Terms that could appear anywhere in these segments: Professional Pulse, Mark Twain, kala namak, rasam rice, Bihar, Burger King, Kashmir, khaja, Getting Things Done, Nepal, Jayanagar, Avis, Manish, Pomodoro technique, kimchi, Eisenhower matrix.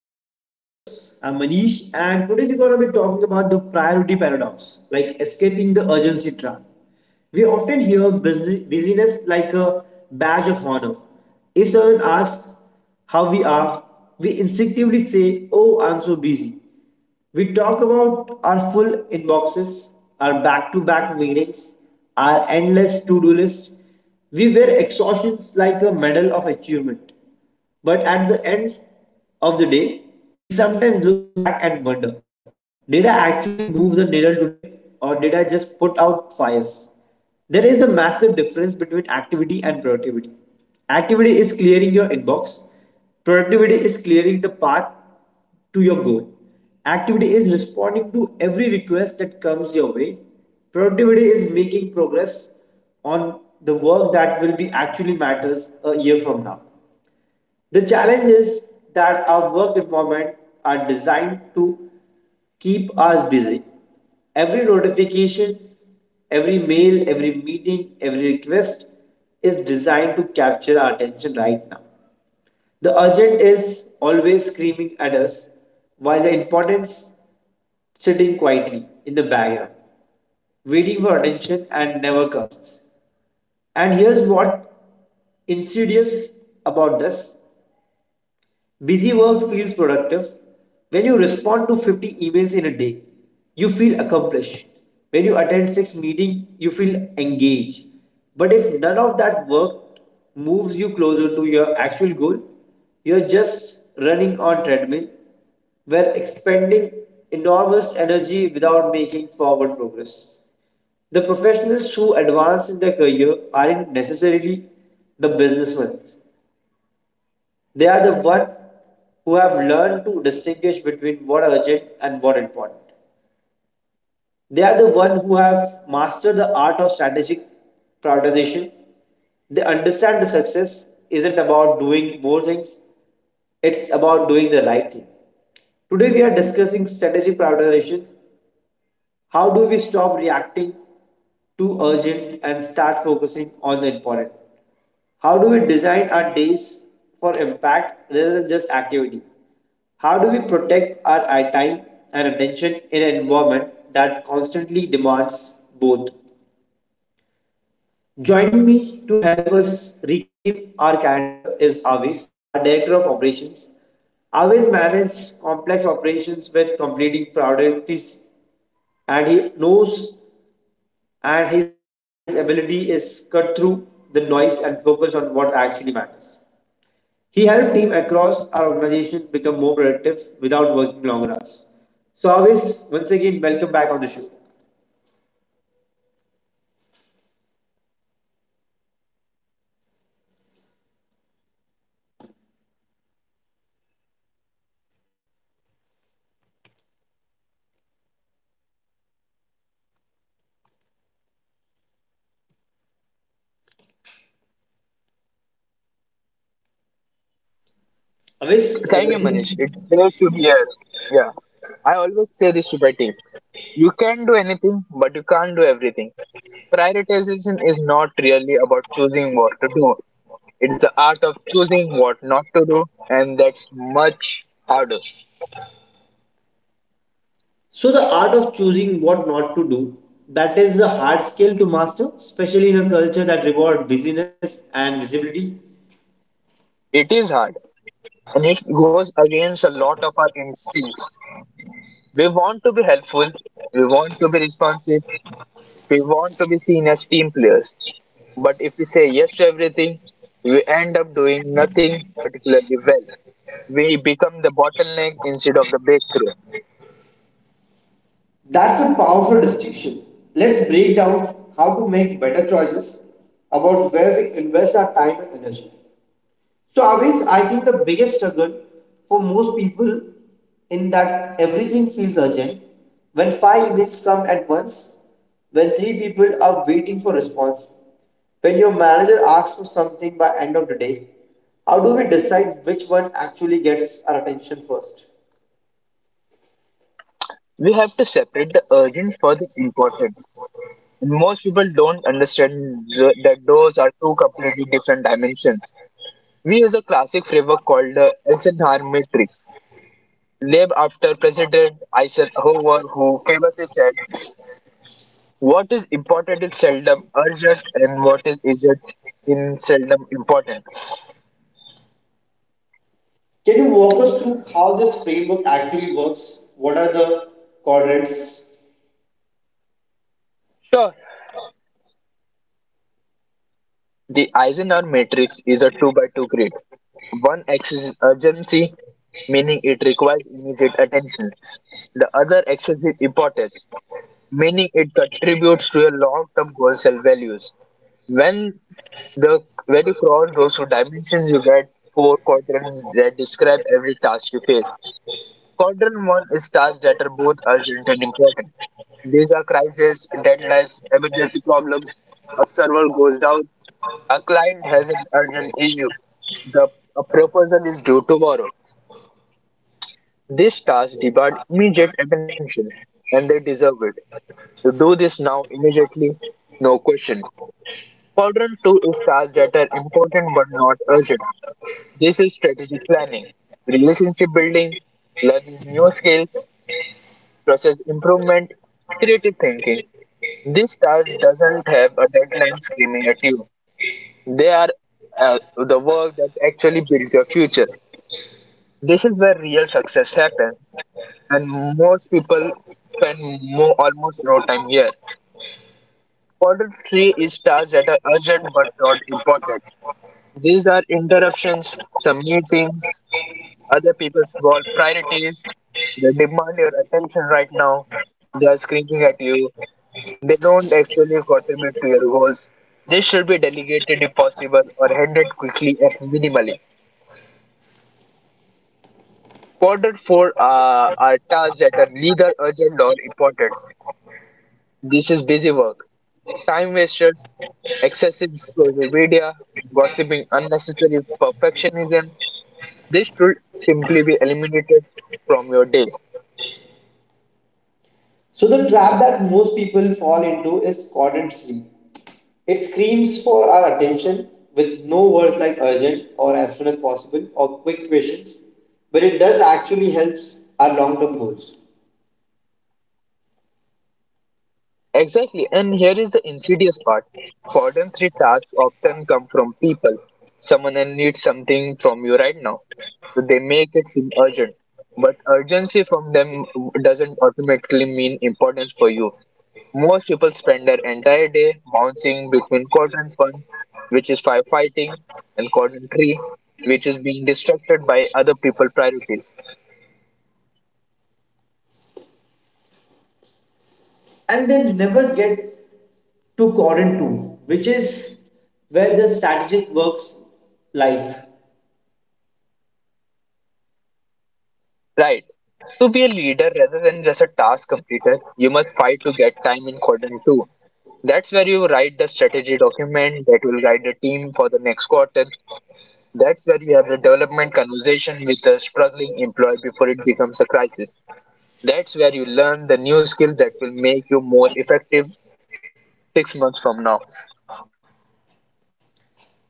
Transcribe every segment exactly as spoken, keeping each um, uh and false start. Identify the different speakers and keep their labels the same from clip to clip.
Speaker 1: Professional Pulse. I'm Manish, and today we're going to be talking about the priority paradox, like escaping the urgency trap. We often hear busy- busyness like a badge of honor. If someone asks how we are, we instinctively say, "Oh, I'm so busy." We talk about our full inboxes, our back to back meetings, our endless to do list. We wear exhaustions like a medal of achievement. But at the end of the day, we sometimes look back and wonder, did I actually move the needle today or did I just put out fires? There is a massive difference between activity and productivity. Activity is clearing your inbox, productivity is clearing the path to your goal. Activity is responding to every request that comes your way. Productivity is making progress on the work that will be actually matters a year from now. The challenge is that our work environment are designed to keep us busy. Every notification, every mail, every meeting, every request is designed to capture our attention right now. The urgent is always screaming at us, while the importance sitting quietly in the background, waiting for attention and never comes. And here's what insidious about this. Busy work feels productive. When you respond to fifty emails in a day, you feel accomplished. When you attend six meetings, you feel engaged. But if none of that work moves you closer to your actual goal, you're just running on treadmill where expending enormous energy without making forward progress. The professionals who advance in their career aren't necessarily the businessmen. They are the one who have learned to distinguish between what urgent and what important. They are the one who have mastered the art of strategic prioritization. They understand the success isn't about doing more things, it's about doing the right thing. Today we are discussing strategic prioritization. How do we stop reacting to urgent and start focusing on the important? How do we design our days for impact rather than just activity? How do we protect our eye time and attention in an environment that constantly demands both? Joining me to help us reclaim our calendar is Avis, our Director of Operations. Avis manages complex operations with completing priorities and he knows and his ability is cut through the noise and focus on what actually matters. He helped team across our organization become more productive without working longer hours. So Avis, once again, welcome back on the show. Avis, uh,
Speaker 2: Thank you, Manish. It's great to be here. Yeah, I always say this to my team. You can do anything, but you can't do everything. Prioritization is not really about choosing what to do. It's the art of choosing what not to do, and that's much harder.
Speaker 1: so the art of choosing what not to do, that is a hard skill to master, especially in a culture that rewards busyness and visibility.
Speaker 2: It is hard, and it goes against a lot of our instincts. We want to be helpful, we want to be responsive, we want to be seen as team players, but if we say yes to everything, we end up doing nothing particularly well. We become the bottleneck instead of the breakthrough.
Speaker 1: That's a powerful distinction. Let's break down how to make better choices about where we invest our time and energy. So, always, I think the biggest struggle for most people in that everything feels urgent when five emails come at once, when three people are waiting for response, when your manager asks for something by end of the day, how do we decide which one actually gets our attention first?
Speaker 2: We have to separate the urgent for the important. And most people don't understand th- that those are two completely different dimensions. We use a classic framework called the Eisenhower matrix, named after President Eisenhower, who famously said, "What is important is seldom urgent, and what is urgent is seldom important."
Speaker 1: Can you walk us through how this framework actually works? What are the quadrants?
Speaker 2: Sure. The Eisenhower matrix is a two-by-two grid. One axis is urgency, meaning it requires immediate attention. The other axis is importance, meaning it contributes to your long-term goals and values. When the when you cross those two dimensions, you get four quadrants that describe every task you face. Quadrant one is tasks that are both urgent and important. These are crises, deadlines, emergency problems. A server goes down, a client has an urgent issue. The A proposal is due tomorrow. This task demand immediate attention, and they deserve it. You do this now immediately, no question. Quadrant two is tasks that are important but not urgent. This is strategic planning, relationship building, learning new skills, process improvement, creative thinking. This task doesn't have a deadline screaming at you. They are uh, the work that actually builds your future. This is where real success happens, and most people spend mo almost no time here. Quarter three is tasks that are urgent but not important. These are interruptions, some meetings, other people's world priorities. They demand your attention right now. They are screaming at you. They don't actually contribute to your goals. This should be delegated if possible or handled quickly and minimally. Quarter four uh, are tasks that are neither urgent nor important. This is busy work, time wasters, excessive social media, gossiping, unnecessary perfectionism. This should simply be eliminated from your day.
Speaker 1: So the trap that most people fall into is quadrant sleep. It screams for our attention with no words like urgent or as soon as possible or quick questions, but it does actually helps our long-term goals.
Speaker 2: Exactly, and here is the insidious part. Cordon three tasks often come from people. Someone else needs something from you right now, so they make it seem urgent. But urgency from them doesn't automatically mean importance for you. Most people spend their entire day bouncing between quadrant one, which is firefighting, and quadrant three, which is being distracted by other people's priorities.
Speaker 1: And then never get to quadrant two, which is where the strategic works life.
Speaker 2: Right. To be a leader rather than just a task completer, you must fight to get time in quadrant two. That's where you write the strategy document that will guide the team for the next quarter. That's where you have the development conversation with the struggling employee before it becomes a crisis. That's where you learn the new skills that will make you more effective six months from now.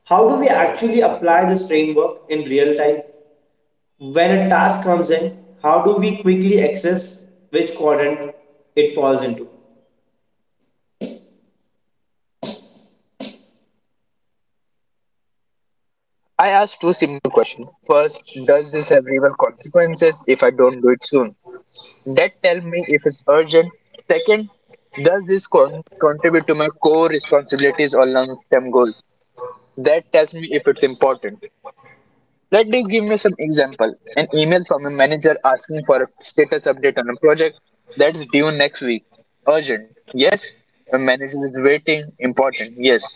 Speaker 1: How do we actually apply this framework in real time? When a task comes in, how do we quickly access which quadrant it falls into?
Speaker 2: I asked two similar questions. First, does this have real consequences if I don't do it soon? That tell me if it's urgent. Second, does this con- contribute to my core responsibilities or long-term goals? That tells me if it's important. Let me give me some example. An email from a manager asking for a status update on a project that's due next week. Urgent? Yes, the manager is waiting. Important? Yes,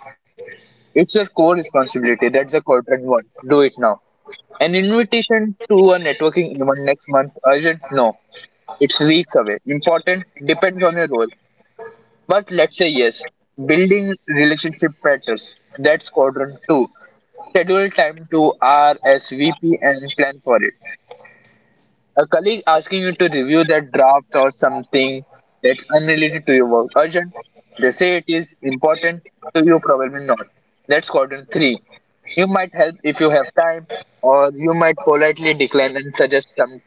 Speaker 2: it's your core responsibility. That's the quadrant one. Do it now. An invitation to a networking event next month. Urgent? No, it's weeks away. Important? Depends on your role, but let's say yes, building relationship patterns. That's quadrant two. Schedule time to R S V P and plan for it. A colleague asking you to review that draft or something that's unrelated to your work. Urgent? They say it is. Important to you? Probably not. That's quadrant three. You might help if you have time, or you might politely decline and suggest some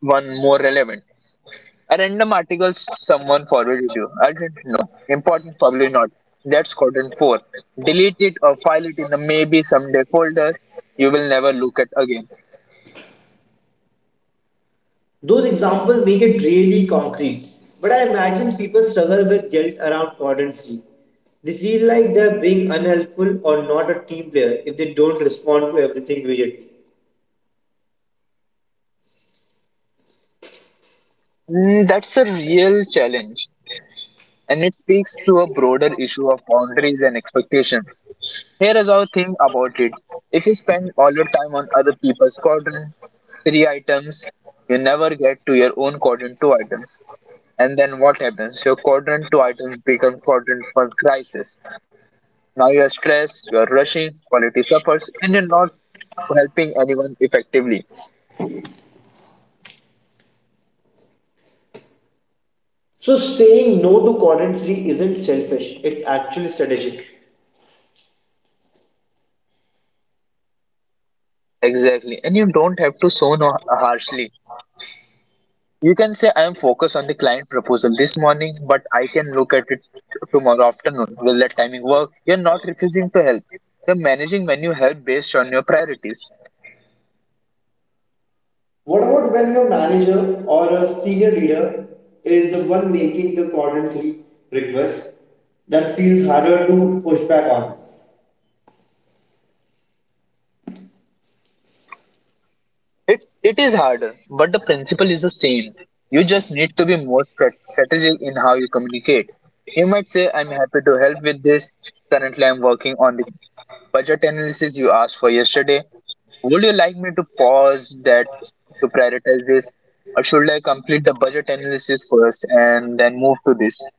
Speaker 2: one more relevant. A random article someone forwarded you. Urgent? No. Important? Probably not. That's quadrant four. Delete it or file it in the maybe someday folder you will never look at again.
Speaker 1: Those examples make it really concrete. But I imagine people struggle with guilt around cordon free. They feel like they're being unhelpful or not a team player if they don't respond to everything immediately.
Speaker 2: Mm, that's a real challenge, and it speaks to a broader issue of boundaries and expectations. Here is our thing about it. If you spend all your time on other people's quadrant three items, you never get to your own quadrant two items. And then what happens? Your quadrant two items become quadrant one crisis. Now you are stressed, you are rushing, quality suffers, and you're not helping anyone effectively.
Speaker 1: So saying no to cordon free isn't selfish, it's actually strategic.
Speaker 2: Exactly. And you don't have to so no harshly. You can say, "I am focused on the client proposal this morning, but I can look at it tomorrow afternoon. Will that timing work?" You're not refusing to help. You're managing when you help based on your priorities.
Speaker 1: What about when your manager or a senior leader is the one making the cordon free request that feels harder to push back on?
Speaker 2: It it is harder, but the principle is the same. You just need to be more strat- strategic in how you communicate. You might say, "I'm happy to help with this. Currently, I'm working on the budget analysis you asked for yesterday. Would you like me to pause that to prioritize this, or should I complete the budget analysis first and then move to this?"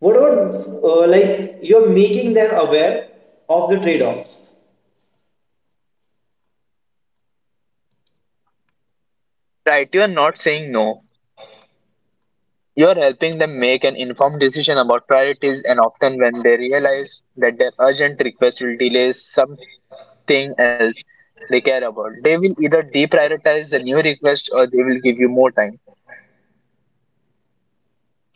Speaker 1: What about uh, like you're making them aware of the trade off?
Speaker 2: Right? You are not saying no. You are helping them make an informed decision about priorities, and often when they realize that their urgent request will delay thing else they care about, they will either deprioritize the new request or they will give you more time.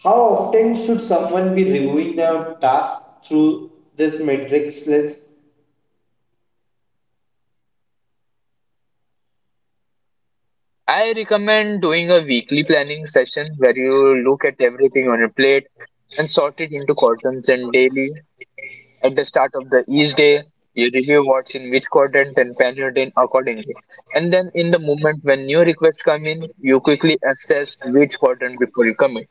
Speaker 1: How often should someone be reviewing their task through this matrix lens?
Speaker 2: I recommend doing a weekly planning session where you look at everything on your plate and sort it into quadrants, and daily, at the start of the each day, you review what's in which quadrant and plan your day accordingly. And then in the moment when new requests come in, you quickly assess which quadrant before you commit.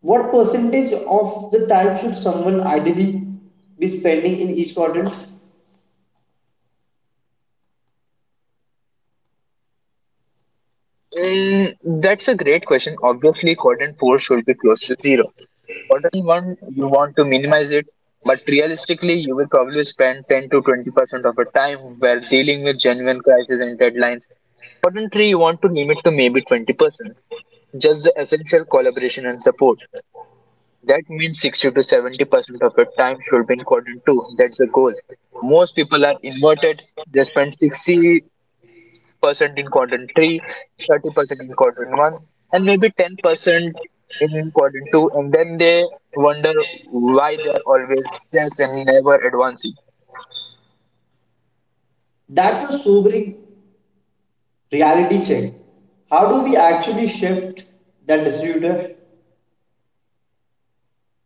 Speaker 1: What percentage of the time should someone ideally be spending in each quadrant?
Speaker 2: Mm, that's a great question. Obviously, quadrant four should be close to zero. Quarterly one, you want to minimize it, but realistically, you will probably spend ten to twenty percent of your time where dealing with genuine crises and deadlines. Quarter three, you want to limit to maybe twenty percent, just the essential collaboration and support. That means sixty to seventy percent of your time should be in quadrant two. That's the goal. Most people are inverted. They spend sixty percent in quadrant three, thirty percent in quadrant one, and maybe ten percent in quadrant two, and then they wonder why they are always stressed and never advancing.
Speaker 1: That's a sobering reality check. How do we actually shift that distributor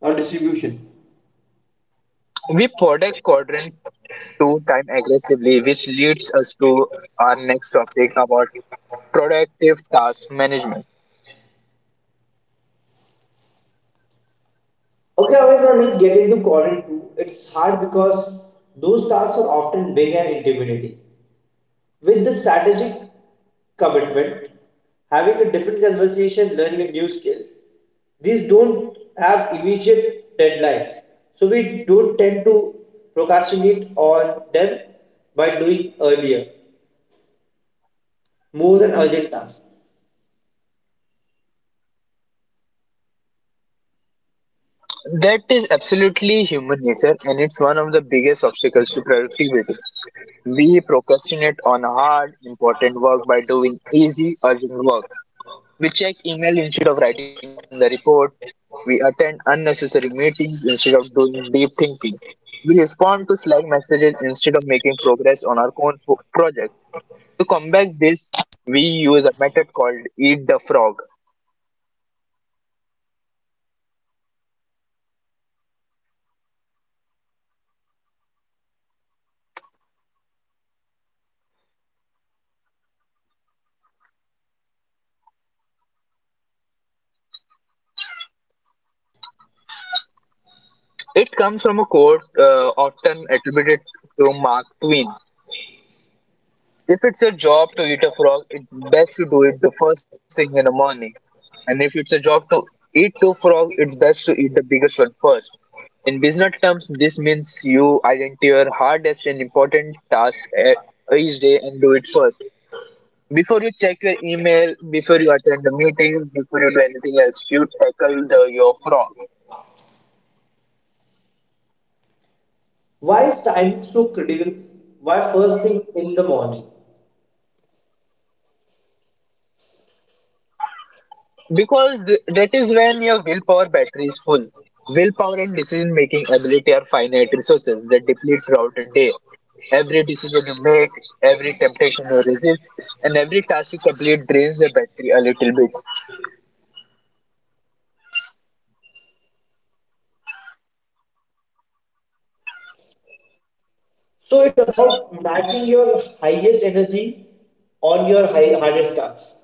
Speaker 1: or distribution?
Speaker 2: We predict quadrant two time aggressively, which leads us to our next topic about productive task management.
Speaker 1: Okay, Amit, now let's get into quadrant two. It's hard because those tasks are often big and intimidating. With the strategic commitment, having a different conversation, learning a new skills, these don't have immediate deadlines. So we don't tend to procrastinate on them by doing earlier, more than urgent tasks.
Speaker 2: That is absolutely human nature, and it's one of the biggest obstacles to productivity. We procrastinate on hard, important work by doing easy, urgent work. We check email instead of writing the report. We attend unnecessary meetings instead of doing deep thinking. We respond to Slack messages instead of making progress on our own pro- project. To combat this, we use a method called Eat the Frog. It comes from a quote uh, often attributed to Mark Twain. "If it's a job to eat a frog, it's best to do it the first thing in the morning. And if it's a job to eat two frogs, it's best to eat the biggest one first." In business terms, this means you identify your hardest and important task e- each day and do it first. Before you check your email, before you attend the meetings, before you do anything else, you tackle the, your frog.
Speaker 1: Why is timing so critical? Why first thing in the morning?
Speaker 2: Because th- that is when your willpower battery is full. Willpower and decision making ability are finite resources that deplete throughout the day. Every decision you make, every temptation you resist, and every task you complete drains the battery a little bit.
Speaker 1: So it's about matching your highest energy on your high, hardest tasks.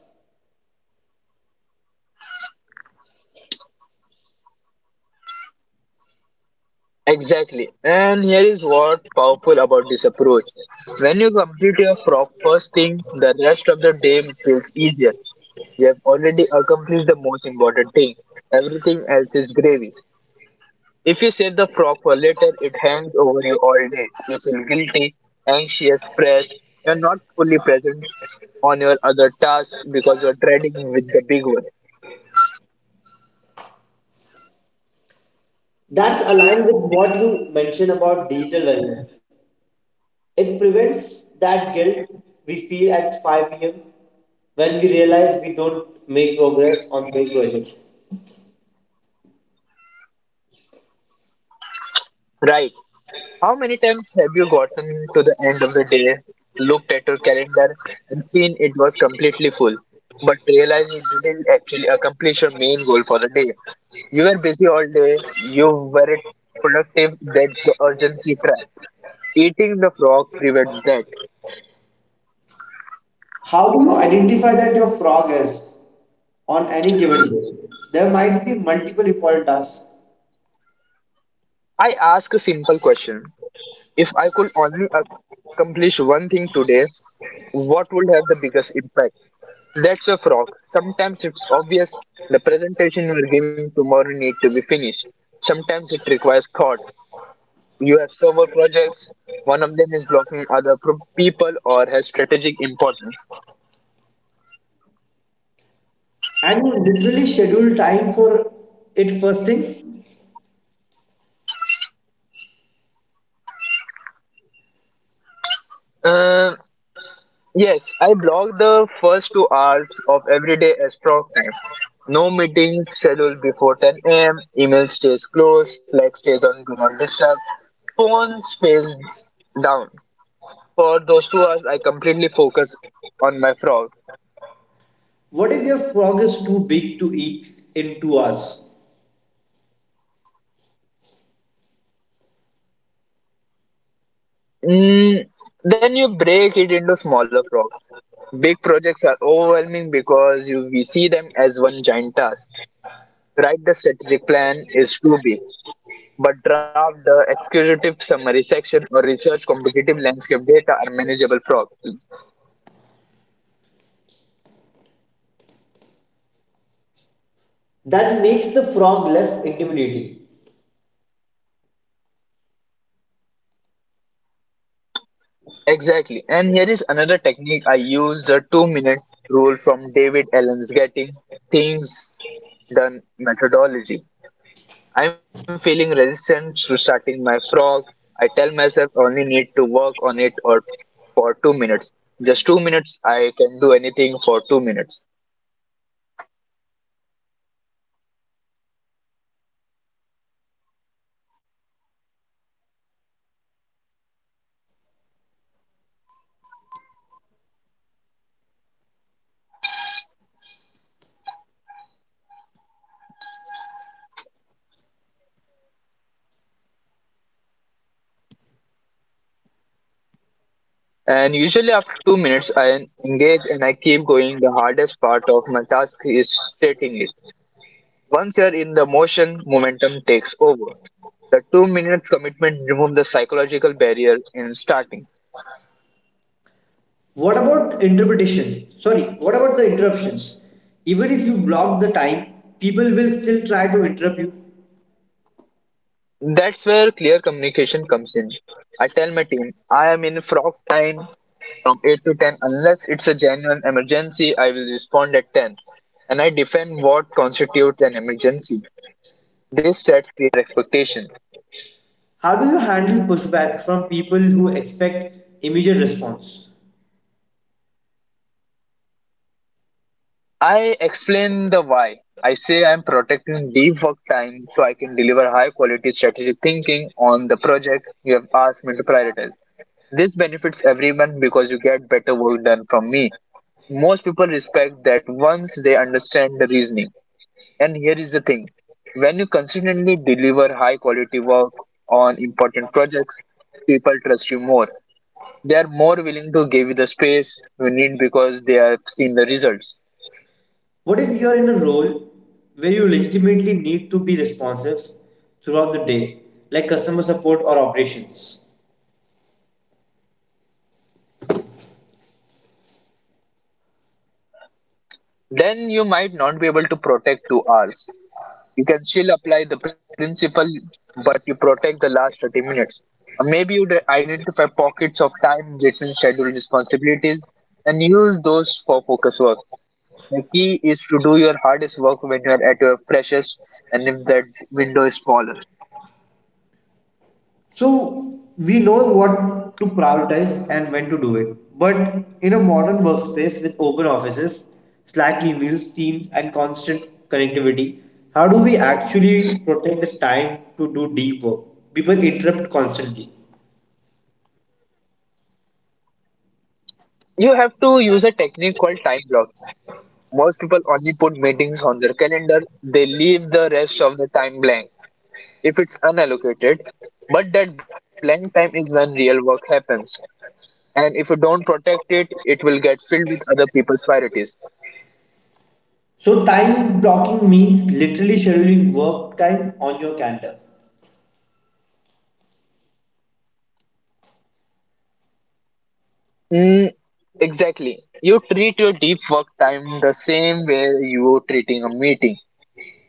Speaker 2: Exactly. And here is what powerful about this approach. When you complete your frog first thing, the rest of the day feels easier. You have already accomplished the most important thing. Everything else is gravy. If you save the frog for later, it hangs over you all day. You feel guilty, anxious, stressed. You're not fully present on your other tasks because you're dreading with the big one.
Speaker 1: That's aligned with what you mentioned about digital wellness. It prevents that guilt we feel at five p m when we realize we don't make progress on big projects.
Speaker 2: Right. How many times have you gotten to the end of the day, looked at your calendar, and seen it was completely full, but realized you didn't actually accomplish your main goal for the day? You were busy all day, you weren't productive. That's the urgency trap. Eating the frog prevents that.
Speaker 1: How do you identify that your frog is on any given day? There might be multiple important tasks.
Speaker 2: I ask a simple question. If I could only accomplish one thing today, what would have the biggest impact? That's a frog. Sometimes it's obvious, the presentation you are giving tomorrow need to be finished. Sometimes it requires thought. You have several projects, one of them is blocking other pro- people or has strategic importance.
Speaker 1: And you literally schedule time for it first thing.
Speaker 2: Uh, Yes, I block the first two hours of everyday as proc time. No meetings scheduled before ten a m. Email stays closed. Slack stays on do not disturb. Phone stays down. For those two hours, I completely focus on my frog.
Speaker 1: What if your frog is too big to eat in two hours?
Speaker 2: Mm, then you break it into smaller frogs. Big projects are overwhelming because you we see them as one giant task. Write the strategic plan is too big. But draft the executive summary section or research competitive landscape data are manageable problems.
Speaker 1: That makes the frog less intimidating.
Speaker 2: Exactly. And here is another technique I use, the two minute rule from David Allen's Getting Things Done methodology. I'm feeling resistant to starting my frog. I tell myself I only need to work on it or for two minutes. Just two minutes, I can do anything for two minutes. And usually after two minutes, I engage and I keep going. The hardest part of my task is stating it. Once you're in the motion, momentum takes over. The two minute commitment removes the psychological barrier in starting.
Speaker 1: What about interpretation? Sorry, what about the interruptions? Even if you block the time, people will still try to interrupt you.
Speaker 2: That's where clear communication comes in. I tell my team, I am in frog time from eight to ten. Unless it's a genuine emergency, I will respond at ten. And I define what constitutes an emergency. This sets clear expectation.
Speaker 1: How do you handle pushback from people who expect immediate response?
Speaker 2: I explain the why. I say I'm protecting deep work time so I can deliver high quality strategic thinking on the project you have asked me to prioritize. This benefits everyone because you get better work done from me. Most people respect that once they understand the reasoning. And here is the thing: when you consistently deliver high quality work on important projects, people trust you more. They are more willing to give you the space you need because they have seen the results.
Speaker 1: What if you're in a role where you legitimately need to be responsive throughout the day, like customer support or operations?
Speaker 2: Then you might not be able to protect two hours. You can still apply the principle, but you protect the last thirty minutes. Or maybe you'd identify pockets of time between scheduled responsibilities and use those for focus work. The key is to do your hardest work when you are at your freshest, and if that window is smaller.
Speaker 1: So we know what to prioritize and when to do it. But in a modern workspace with open offices, Slack emails, Teams, and constant connectivity, how do we actually protect the time to do deep work? People interrupt constantly.
Speaker 2: You have to use a technique called time block. Most people only put meetings on their calendar, they leave the rest of the time blank, if it's unallocated. But that blank time is when real work happens. And if you don't protect it, it will get filled with other people's priorities.
Speaker 1: So time blocking means literally scheduling work time on your calendar.
Speaker 2: Mm, exactly. You treat your deep work time the same way you are treating a meeting.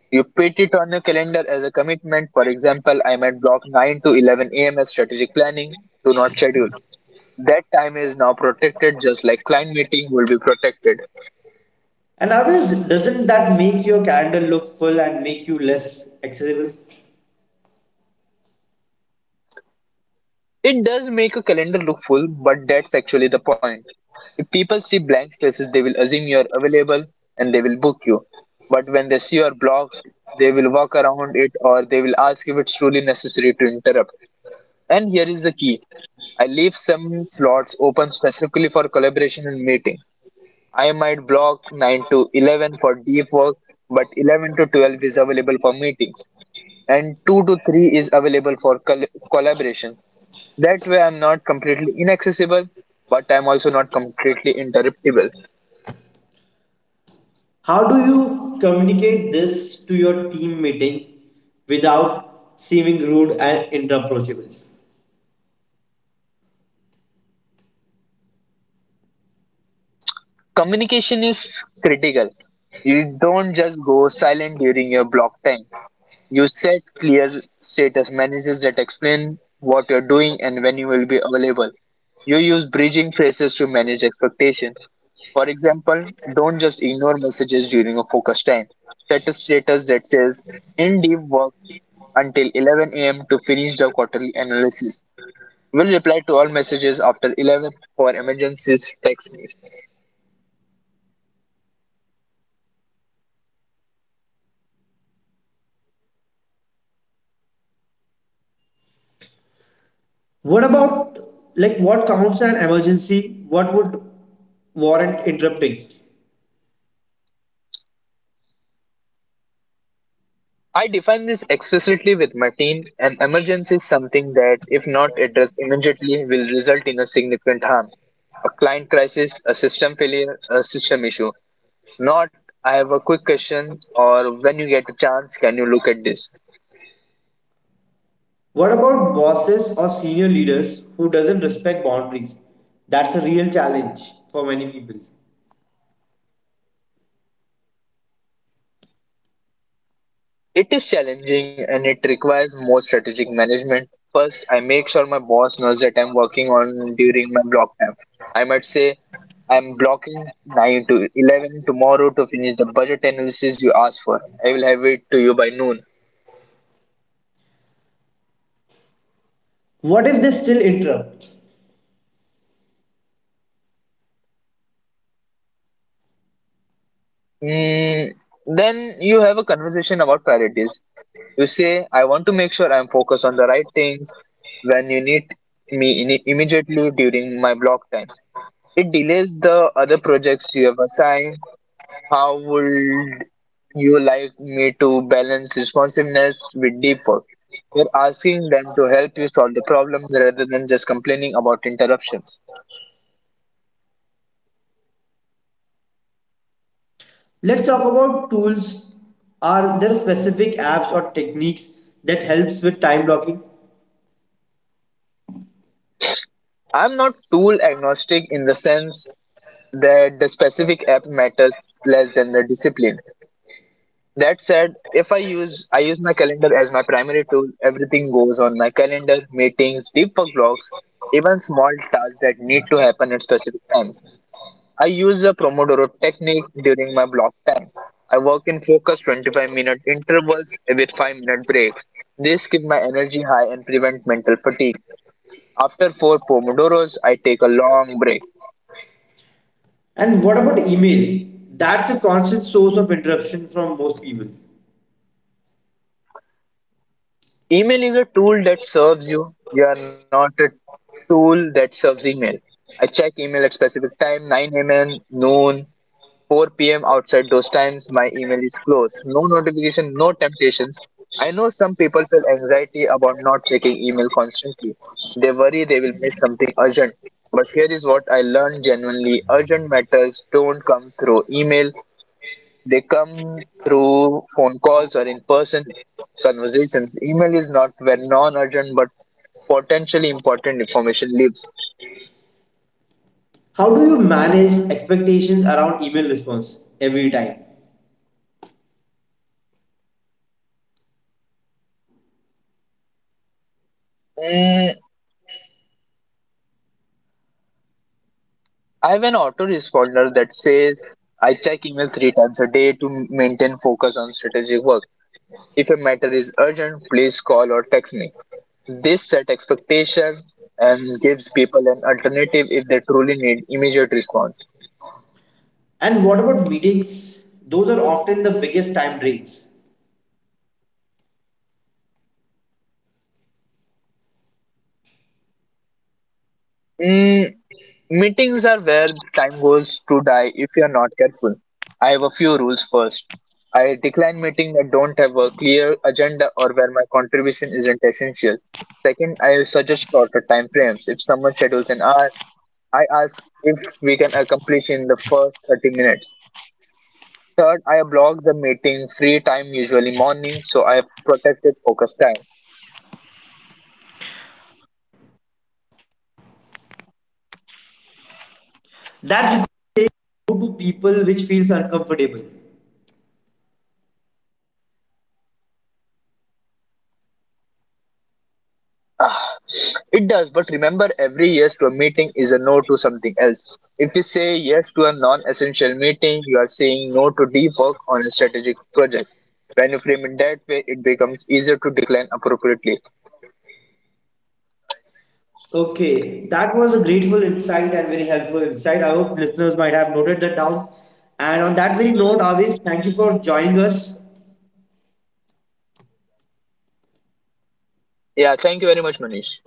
Speaker 2: You put it on your calendar as a commitment. For example, I might block nine to eleven a m as strategic planning. Do not schedule. That time is now protected just like client meeting will be protected.
Speaker 1: And Avis, doesn't that makes your calendar look full and make you less accessible?
Speaker 2: It does make a calendar look full, but that's actually the point. If people see blank spaces, they will assume you're available and they will book you. But when they see you're blocked, they will walk around it or they will ask if it's truly necessary to interrupt. And here is the key: I leave some slots open specifically for collaboration and meeting. I might block nine to eleven for deep work, but eleven to twelve is available for meetings, and two to three is available for col- collaboration. That way, I'm not completely inaccessible, but I'm also not completely interruptible.
Speaker 1: How do you communicate this to your team meeting without seeming rude and inapproachable?
Speaker 2: Communication is critical. You don't just go silent during your block time. You set clear status messages that explain what you're doing and when you will be available. You use bridging phrases to manage expectation. For example, don't just ignore messages during a focus time. Set a status that says in deep work until eleven a m to finish the quarterly analysis. Will reply to all messages after eleven. For emergencies, text me.
Speaker 1: What about like what counts an emergency? What would warrant interrupting?
Speaker 2: I define this explicitly with my team. An emergency is something that, if not addressed immediately, will result in a significant harm. A client crisis, a system failure, a system issue. Not, I have a quick question, or when you get a chance, can you look at this?
Speaker 1: What about bosses or senior leaders who doesn't respect boundaries? That's a real challenge for many people.
Speaker 2: It is challenging and it requires more strategic management. First, I make sure my boss knows that I'm working on during my block time. I might say I'm blocking nine to eleven tomorrow to finish the budget analysis you asked for. I will have it to you by noon.
Speaker 1: What if they still interrupt?
Speaker 2: Mm, then you have a conversation about priorities. You say, I want to make sure I'm focused on the right things. When you need me in immediately during my block time, it delays the other projects you have assigned. How would you like me to balance responsiveness with deep work? You're asking them to help you solve the problem rather than just complaining about interruptions.
Speaker 1: Let's talk about tools. Are there specific apps or techniques that helps with time blocking?
Speaker 2: I'm not tool agnostic in the sense that the specific app matters less than the discipline. That said, if I use I use my calendar as my primary tool, everything goes on my calendar, meetings, deep work blocks, even small tasks that need to happen at specific times. I use the Pomodoro technique during my block time. I work in focused twenty-five minute intervals with five minute breaks. This keeps my energy high and prevents mental fatigue. After four Pomodoros, I take a long break.
Speaker 1: And what about email? That's a constant source of interruption from most people.
Speaker 2: Email is a tool that serves you. You are not a tool that serves email. I check email at specific time, nine a m, noon, four p m Outside those times, my email is closed. No notification, no temptations. I know some people feel anxiety about not checking email constantly. They worry they will miss something urgent. But here is what I learned: genuinely urgent matters don't come through email, they come through phone calls or in person conversations. Email is not where non urgent but potentially important information lives.
Speaker 1: How do you manage expectations around email response every time?
Speaker 2: Mm, I have an autoresponder that says I check email three times a day to maintain focus on strategic work. If a matter is urgent, please call or text me. This set expectations and gives people an alternative if they truly need immediate response.
Speaker 1: And what about meetings? Those are often the biggest time drains.
Speaker 2: Mm, meetings are where time goes to die if you're not careful. I have a few rules. First, I decline meetings that don't have a clear agenda or where my contribution isn't essential. Second, I suggest shorter time frames. If someone schedules an hour, I ask if we can accomplish in the first thirty minutes. Third, I block the meeting free time, usually morning, so I have protected focus time. It does, but remember, every yes to a meeting is a no to something else. If you say yes to a non essential meeting, you are saying no to deep work on a strategic project. When you frame it that way, it becomes easier to decline appropriately.
Speaker 1: Okay, that was a grateful insight and very helpful insight. I hope listeners might have noted that down. And on that very note, Avis, thank you for joining us.
Speaker 2: Yeah, thank you very much, Manish.